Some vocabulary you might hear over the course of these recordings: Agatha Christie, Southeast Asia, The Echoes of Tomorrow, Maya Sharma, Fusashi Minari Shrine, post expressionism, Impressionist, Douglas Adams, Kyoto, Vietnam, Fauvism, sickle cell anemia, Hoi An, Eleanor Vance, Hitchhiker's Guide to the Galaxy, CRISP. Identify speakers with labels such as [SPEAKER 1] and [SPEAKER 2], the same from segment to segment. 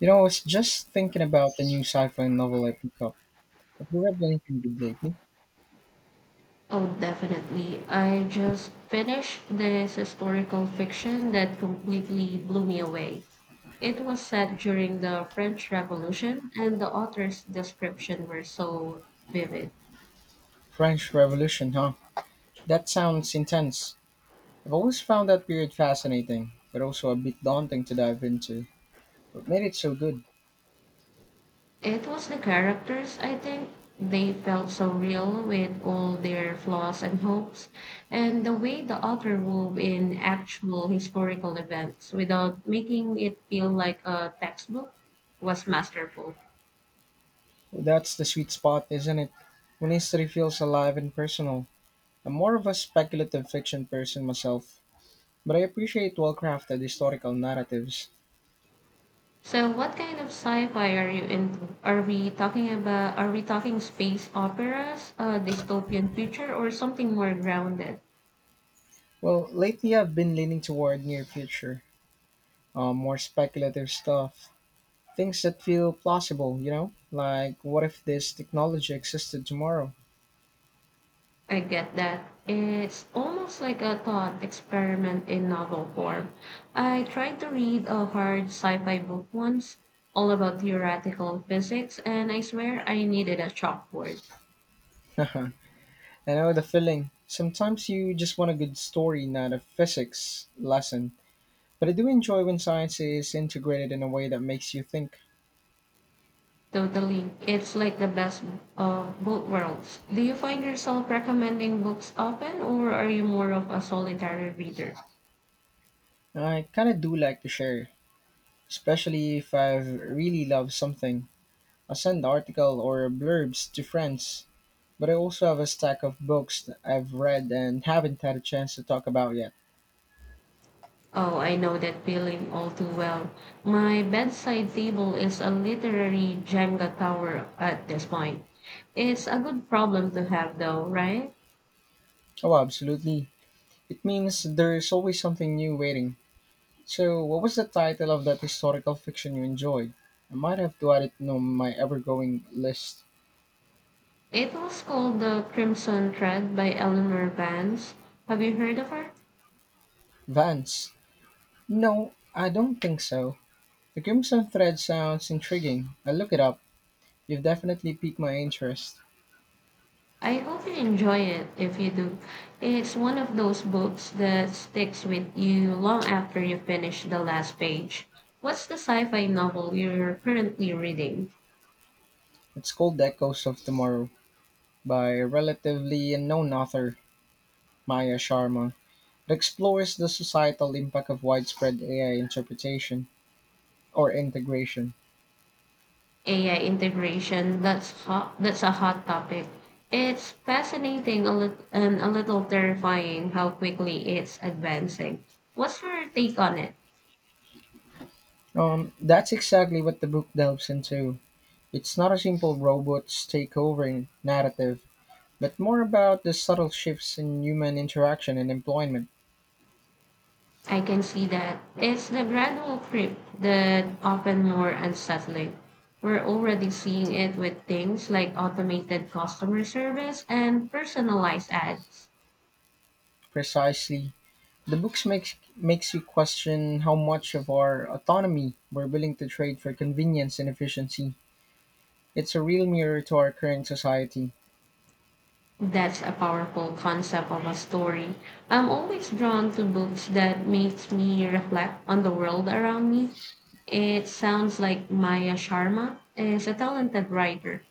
[SPEAKER 1] You know, I was just thinking about the new sci-fi novel I picked up. Have you read anything good lately?
[SPEAKER 2] Oh, definitely. I just finished this historical fiction that completely blew me away. It was set during the French Revolution, and the author's description were so vivid.
[SPEAKER 1] French Revolution, huh? That sounds intense. I've always found that period fascinating, but also a bit daunting to dive into. What made it so good?
[SPEAKER 2] It was the characters, I think. They felt so real with all their flaws and hopes, and the way the author wove in actual historical events without making it feel like a textbook was masterful.
[SPEAKER 1] Well, that's the sweet spot, isn't it? When history feels alive and personal. I'm more of a speculative fiction person myself, but I appreciate well-crafted historical narratives.
[SPEAKER 2] So, what kind of sci-fi are you into? Are we talking space operas, dystopian future, or something more grounded?
[SPEAKER 1] Well, lately I've been leaning toward near future, more speculative stuff. Things that feel plausible, you know? Like, what if this technology existed tomorrow?
[SPEAKER 2] I get that. It's almost like a thought experiment in novel form. I tried to read a hard sci-fi book once, all about theoretical physics, and I swear I needed a chalkboard.
[SPEAKER 1] I know the feeling. Sometimes you just want a good story, not a physics lesson. But I do enjoy when science is integrated in a way that makes you think.
[SPEAKER 2] Totally. It's like the best of both worlds. Do you find yourself recommending books often, or are you more of a solitary reader?
[SPEAKER 1] I kind of do like to share, especially if I've really loved something. I send article or blurbs to friends, but I also have a stack of books that I've read and haven't had a chance to talk about yet.
[SPEAKER 2] Oh, I know that feeling all too well. My bedside table is a literary Jenga tower at this point. It's a good problem to have, though, right?
[SPEAKER 1] Oh, absolutely. It means there's always something new waiting. So, what was the title of that historical fiction you enjoyed? I might have to add it to my ever growing list.
[SPEAKER 2] It was called The Crimson Thread by Eleanor Vance. Have you heard of her?
[SPEAKER 1] Vance. No, I don't think so. The Crimson Thread sounds intriguing. I'll look it up. You've definitely piqued my interest.
[SPEAKER 2] I often enjoy it if you do. It's one of those books that sticks with you long after you finish the last page. What's the sci-fi novel you're currently reading?
[SPEAKER 1] It's called The Echoes of Tomorrow by a relatively unknown author, Maya Sharma. It explores the societal impact of widespread AI interpretation or integration.
[SPEAKER 2] AI integration, that's hot, that's a hot topic. It's fascinating a lit- and a little terrifying how quickly it's advancing. What's your take on it?
[SPEAKER 1] That's exactly what the book delves into. It's not a simple robots takeovering narrative, but more about the subtle shifts in human interaction and employment.
[SPEAKER 2] I can see that. It's the gradual creep that often more unsettling. We're already seeing it with things like automated customer service and personalized ads.
[SPEAKER 1] Precisely. The books makes you question how much of our autonomy we're willing to trade for convenience and efficiency. It's a real mirror to our current society.
[SPEAKER 2] That's a powerful concept of a story. I'm always drawn to books that makes me reflect on the world around me. It sounds like Maya Sharma is a talented writer.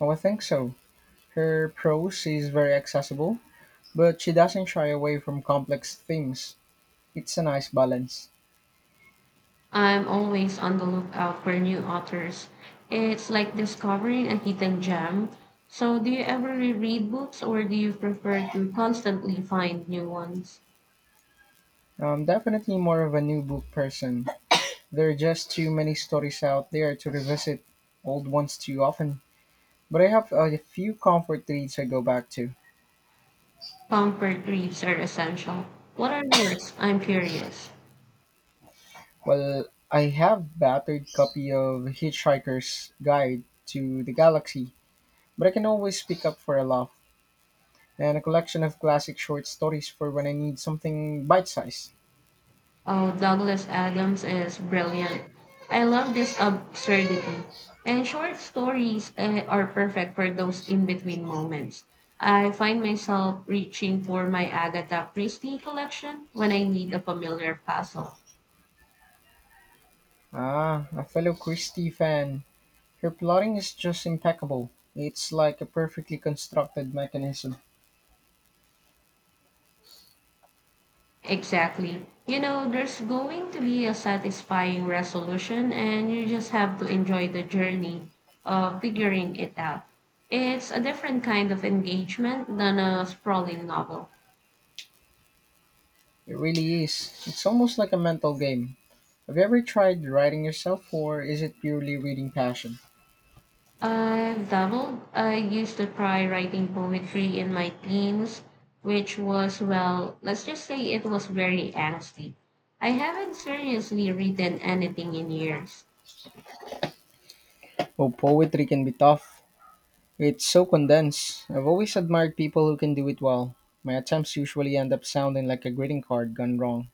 [SPEAKER 1] Oh, I think so. Her prose is very accessible, but she doesn't shy away from complex themes. It's a nice balance.
[SPEAKER 2] I'm always on the lookout for new authors. It's like discovering a hidden gem. So, do you ever reread books or do you prefer to constantly find new ones?
[SPEAKER 1] I'm definitely more of a new book person. There are just too many stories out there to revisit old ones too often. But I have a few comfort reads I go back to.
[SPEAKER 2] Comfort reads are essential. What are yours? I'm curious.
[SPEAKER 1] Well, I have battered copy of Hitchhiker's Guide to the Galaxy, but I can always pick up for a laugh. And a collection of classic short stories for when I need something bite-sized.
[SPEAKER 2] Oh, Douglas Adams is brilliant. I love this absurdity. And short stories are perfect for those in between moments. I find myself reaching for my Agatha Christie collection when I need a familiar puzzle.
[SPEAKER 1] Ah, a fellow Christie fan. Her plotting is just impeccable. It's like a perfectly constructed mechanism.
[SPEAKER 2] Exactly. You know, there's going to be a satisfying resolution, and you just have to enjoy the journey of figuring it out. It's a different kind of engagement than a sprawling novel.
[SPEAKER 1] It really is. It's almost like a mental game. Have you ever tried writing yourself, or is it purely reading passion?
[SPEAKER 2] I dabbled. I used to try writing poetry in my teens, which was, well, let's just say it was very angsty. I haven't seriously written anything in years.
[SPEAKER 1] Oh, poetry can be tough. It's so condensed. I've always admired people who can do it well. My attempts usually end up sounding like a greeting card gone wrong.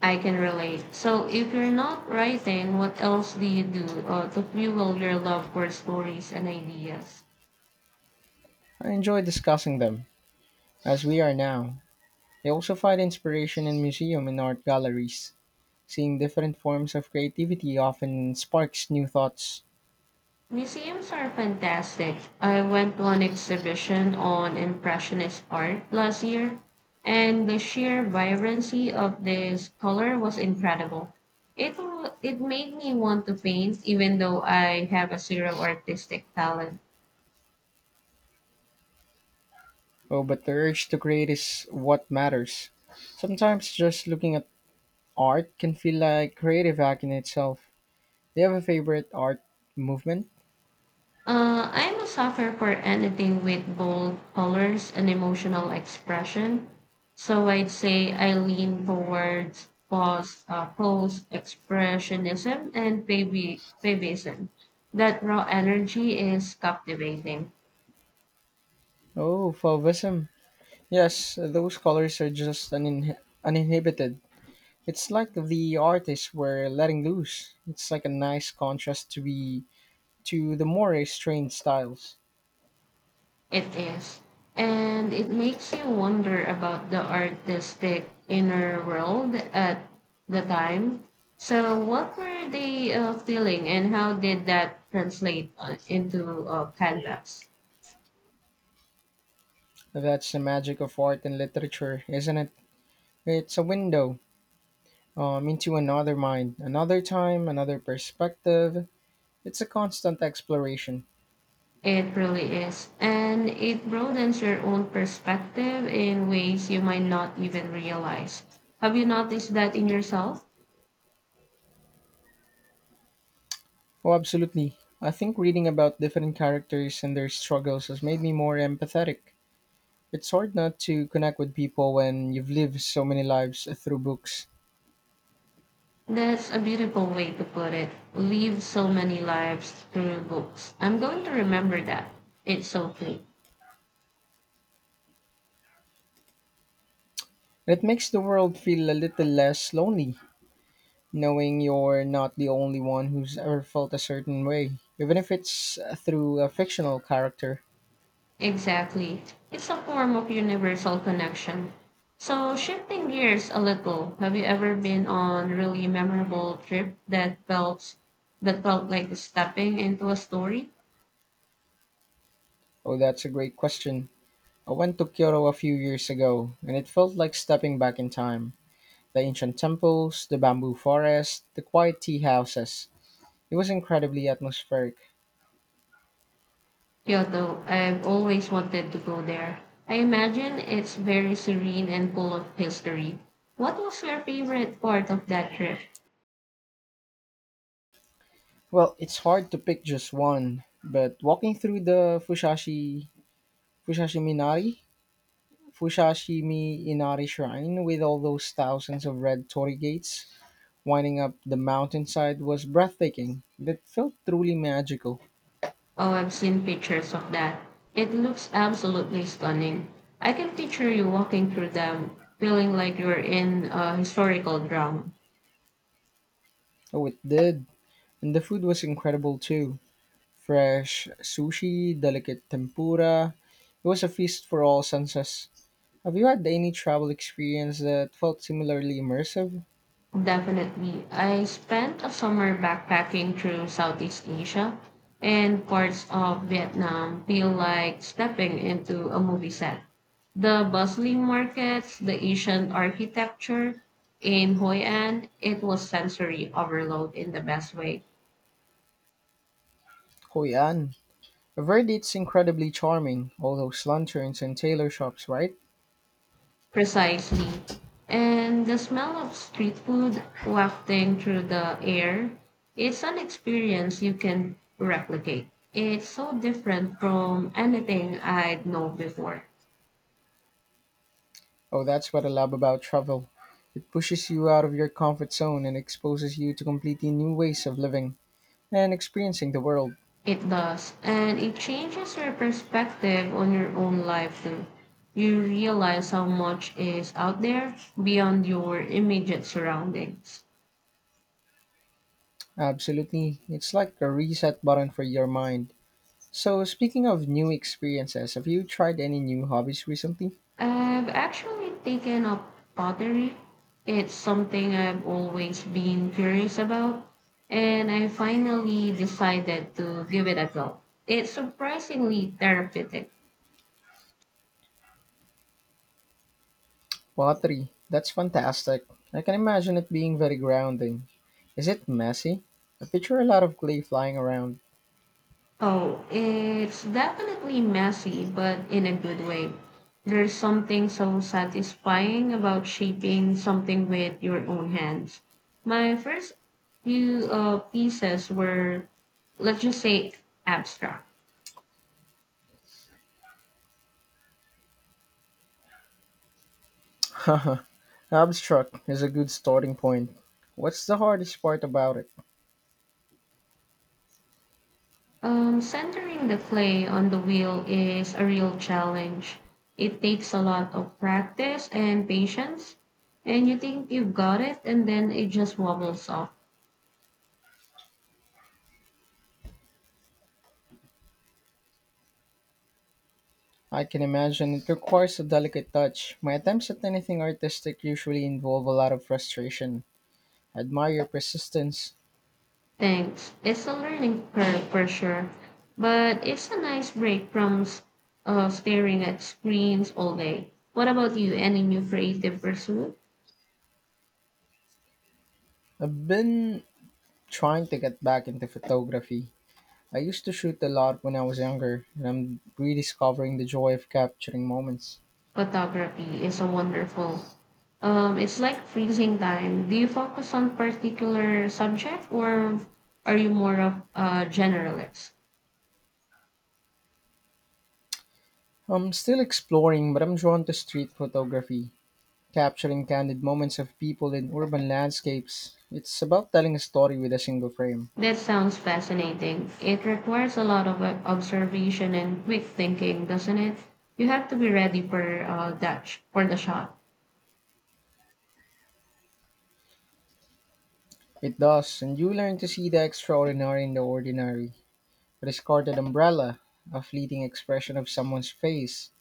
[SPEAKER 2] I can relate. So, if you're not writing, what else do you do to fuel your love for stories and ideas?
[SPEAKER 1] I enjoy discussing them, as we are now. I also find inspiration in museum and art galleries. Seeing different forms of creativity often sparks new thoughts.
[SPEAKER 2] Museums are fantastic. I went to an exhibition on Impressionist art last year, and the sheer vibrancy of this color was incredible. It made me want to paint, even though I have a zero artistic talent.
[SPEAKER 1] Oh, but the urge to create is what matters. Sometimes just looking at art can feel like creative act in itself. Do you have a favorite art movement?
[SPEAKER 2] I'm a sucker for anything with bold colors and emotional expression. So I'd say I lean towards post expressionism and babyism. That raw energy is captivating.
[SPEAKER 1] Oh, Fauvism. Yes, those colors are just uninhibited. It's like the artists were letting loose. It's like a nice contrast to be to the more restrained styles.
[SPEAKER 2] It is. And it makes you wonder about the artistic inner world at the time. So, what were they feeling, and how did that translate into canvas?
[SPEAKER 1] That's the magic of art and literature, isn't it? It's a window into another mind, another time, another perspective. It's a constant exploration.
[SPEAKER 2] It really is. And it broadens your own perspective in ways you might not even realize. Have you noticed that in yourself?
[SPEAKER 1] Oh, absolutely. I think reading about different characters and their struggles has made me more empathetic. It's hard not to connect with people when you've lived so many lives through books.
[SPEAKER 2] That's a beautiful way to put it. Live so many lives through books. I'm going to remember that. It's okay.
[SPEAKER 1] It makes the world feel a little less lonely, knowing you're not the only one who's ever felt a certain way, even if it's through a fictional character.
[SPEAKER 2] Exactly. It's a form of universal connection. So, shifting gears a little, have you ever been on really memorable trip that felt like stepping into a story?
[SPEAKER 1] Oh, that's a great question. I went to Kyoto a few years ago, and it felt like stepping back in time. The ancient temples, the bamboo forest, the quiet tea houses. It was incredibly atmospheric.
[SPEAKER 2] Kyoto, I've always wanted to go there. I imagine it's very serene and full of history. What was your favorite part of that trip?
[SPEAKER 1] Well, it's hard to pick just one, but walking through the Fusashi Minari Fusashi Minari Shrine with all those thousands of red torii gates winding up the mountainside was breathtaking. It felt truly magical.
[SPEAKER 2] Oh, I've seen pictures of that. It looks absolutely stunning. I can picture you walking through them, feeling like you're in a historical drama.
[SPEAKER 1] Oh, it did. And the food was incredible too. Fresh sushi, delicate tempura. It was a feast for all senses. Have you had any travel experience that felt similarly immersive?
[SPEAKER 2] Definitely. I spent a summer backpacking through Southeast Asia, and parts of Vietnam feel like stepping into a movie set. The bustling markets, the ancient architecture in Hoi An, it was sensory overload in the best way.
[SPEAKER 1] Koyan. Verdi's incredibly charming, all those lanterns and tailor shops, right?
[SPEAKER 2] Precisely. And the smell of street food wafting through the air, it's an experience you can replicate. It's so different from anything I'd known before.
[SPEAKER 1] Oh, that's what I love about travel. It pushes you out of your comfort zone and exposes you to completely new ways of living and experiencing the world.
[SPEAKER 2] It does. And it changes your perspective on your own life too. You realize how much is out there beyond your immediate surroundings.
[SPEAKER 1] Absolutely, it's like a reset button for your mind. So, speaking of new experiences, have you tried any new hobbies recently?
[SPEAKER 2] I've actually taken up pottery. It's something I've always been curious about, and I finally decided to give it a go. It's surprisingly therapeutic.
[SPEAKER 1] Pottery, that's fantastic. I can imagine it being very grounding. Is it messy? I picture a lot of clay flying around.
[SPEAKER 2] Oh, it's definitely messy, but in a good way. There's something so satisfying about shaping something with your own hands. My first few pieces were, let's just say, abstract.
[SPEAKER 1] Haha, abstract is a good starting point. What's the hardest part about it?
[SPEAKER 2] Centering the clay on the wheel is a real challenge. It takes a lot of practice and patience, and you think you've got it, and then it just wobbles off.
[SPEAKER 1] I can imagine it requires a delicate touch. My attempts at anything artistic usually involve a lot of frustration. I admire your persistence.
[SPEAKER 2] Thanks. It's a learning curve for sure, but it's a nice break from staring at screens all day. What about you? Any new creative pursuit?
[SPEAKER 1] I've been trying to get back into photography. I used to shoot a lot when I was younger, and I'm rediscovering the joy of capturing moments.
[SPEAKER 2] Photography is a wonderful. It's like freezing time. Do you focus on particular subject or are you more of a generalist?
[SPEAKER 1] I'm still exploring, but I'm drawn to street photography, capturing candid moments of people in urban landscapes. It's about telling a story with a single frame.
[SPEAKER 2] That sounds fascinating. It requires a lot of observation and quick thinking, doesn't it? You have to be ready for for the shot.
[SPEAKER 1] It does, and you learn to see the extraordinary in the ordinary. A discarded umbrella, a fleeting expression of someone's face.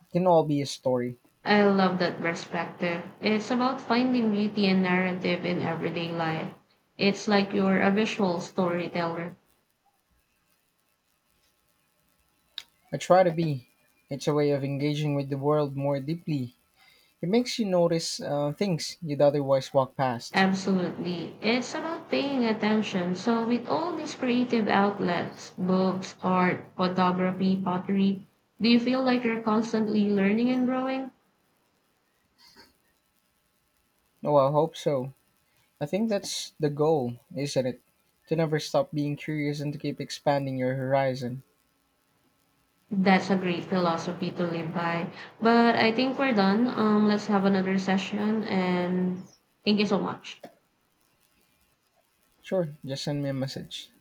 [SPEAKER 1] It can all be a story.
[SPEAKER 2] I love that perspective. It's about finding beauty and narrative in everyday life. It's like you're a visual storyteller.
[SPEAKER 1] I try to be. It's a way of engaging with the world more deeply. It makes you notice things you'd otherwise walk past.
[SPEAKER 2] Absolutely. It's about paying attention. So, with all these creative outlets, books, art, photography, pottery, do you feel like you're constantly learning and growing?
[SPEAKER 1] Oh, I hope so. I think that's the goal, isn't it? To never stop being curious and to keep expanding your horizon.
[SPEAKER 2] That's a great philosophy to live by. But I think we're done. Let's have another session and thank you so much.
[SPEAKER 1] Sure, just send me a message.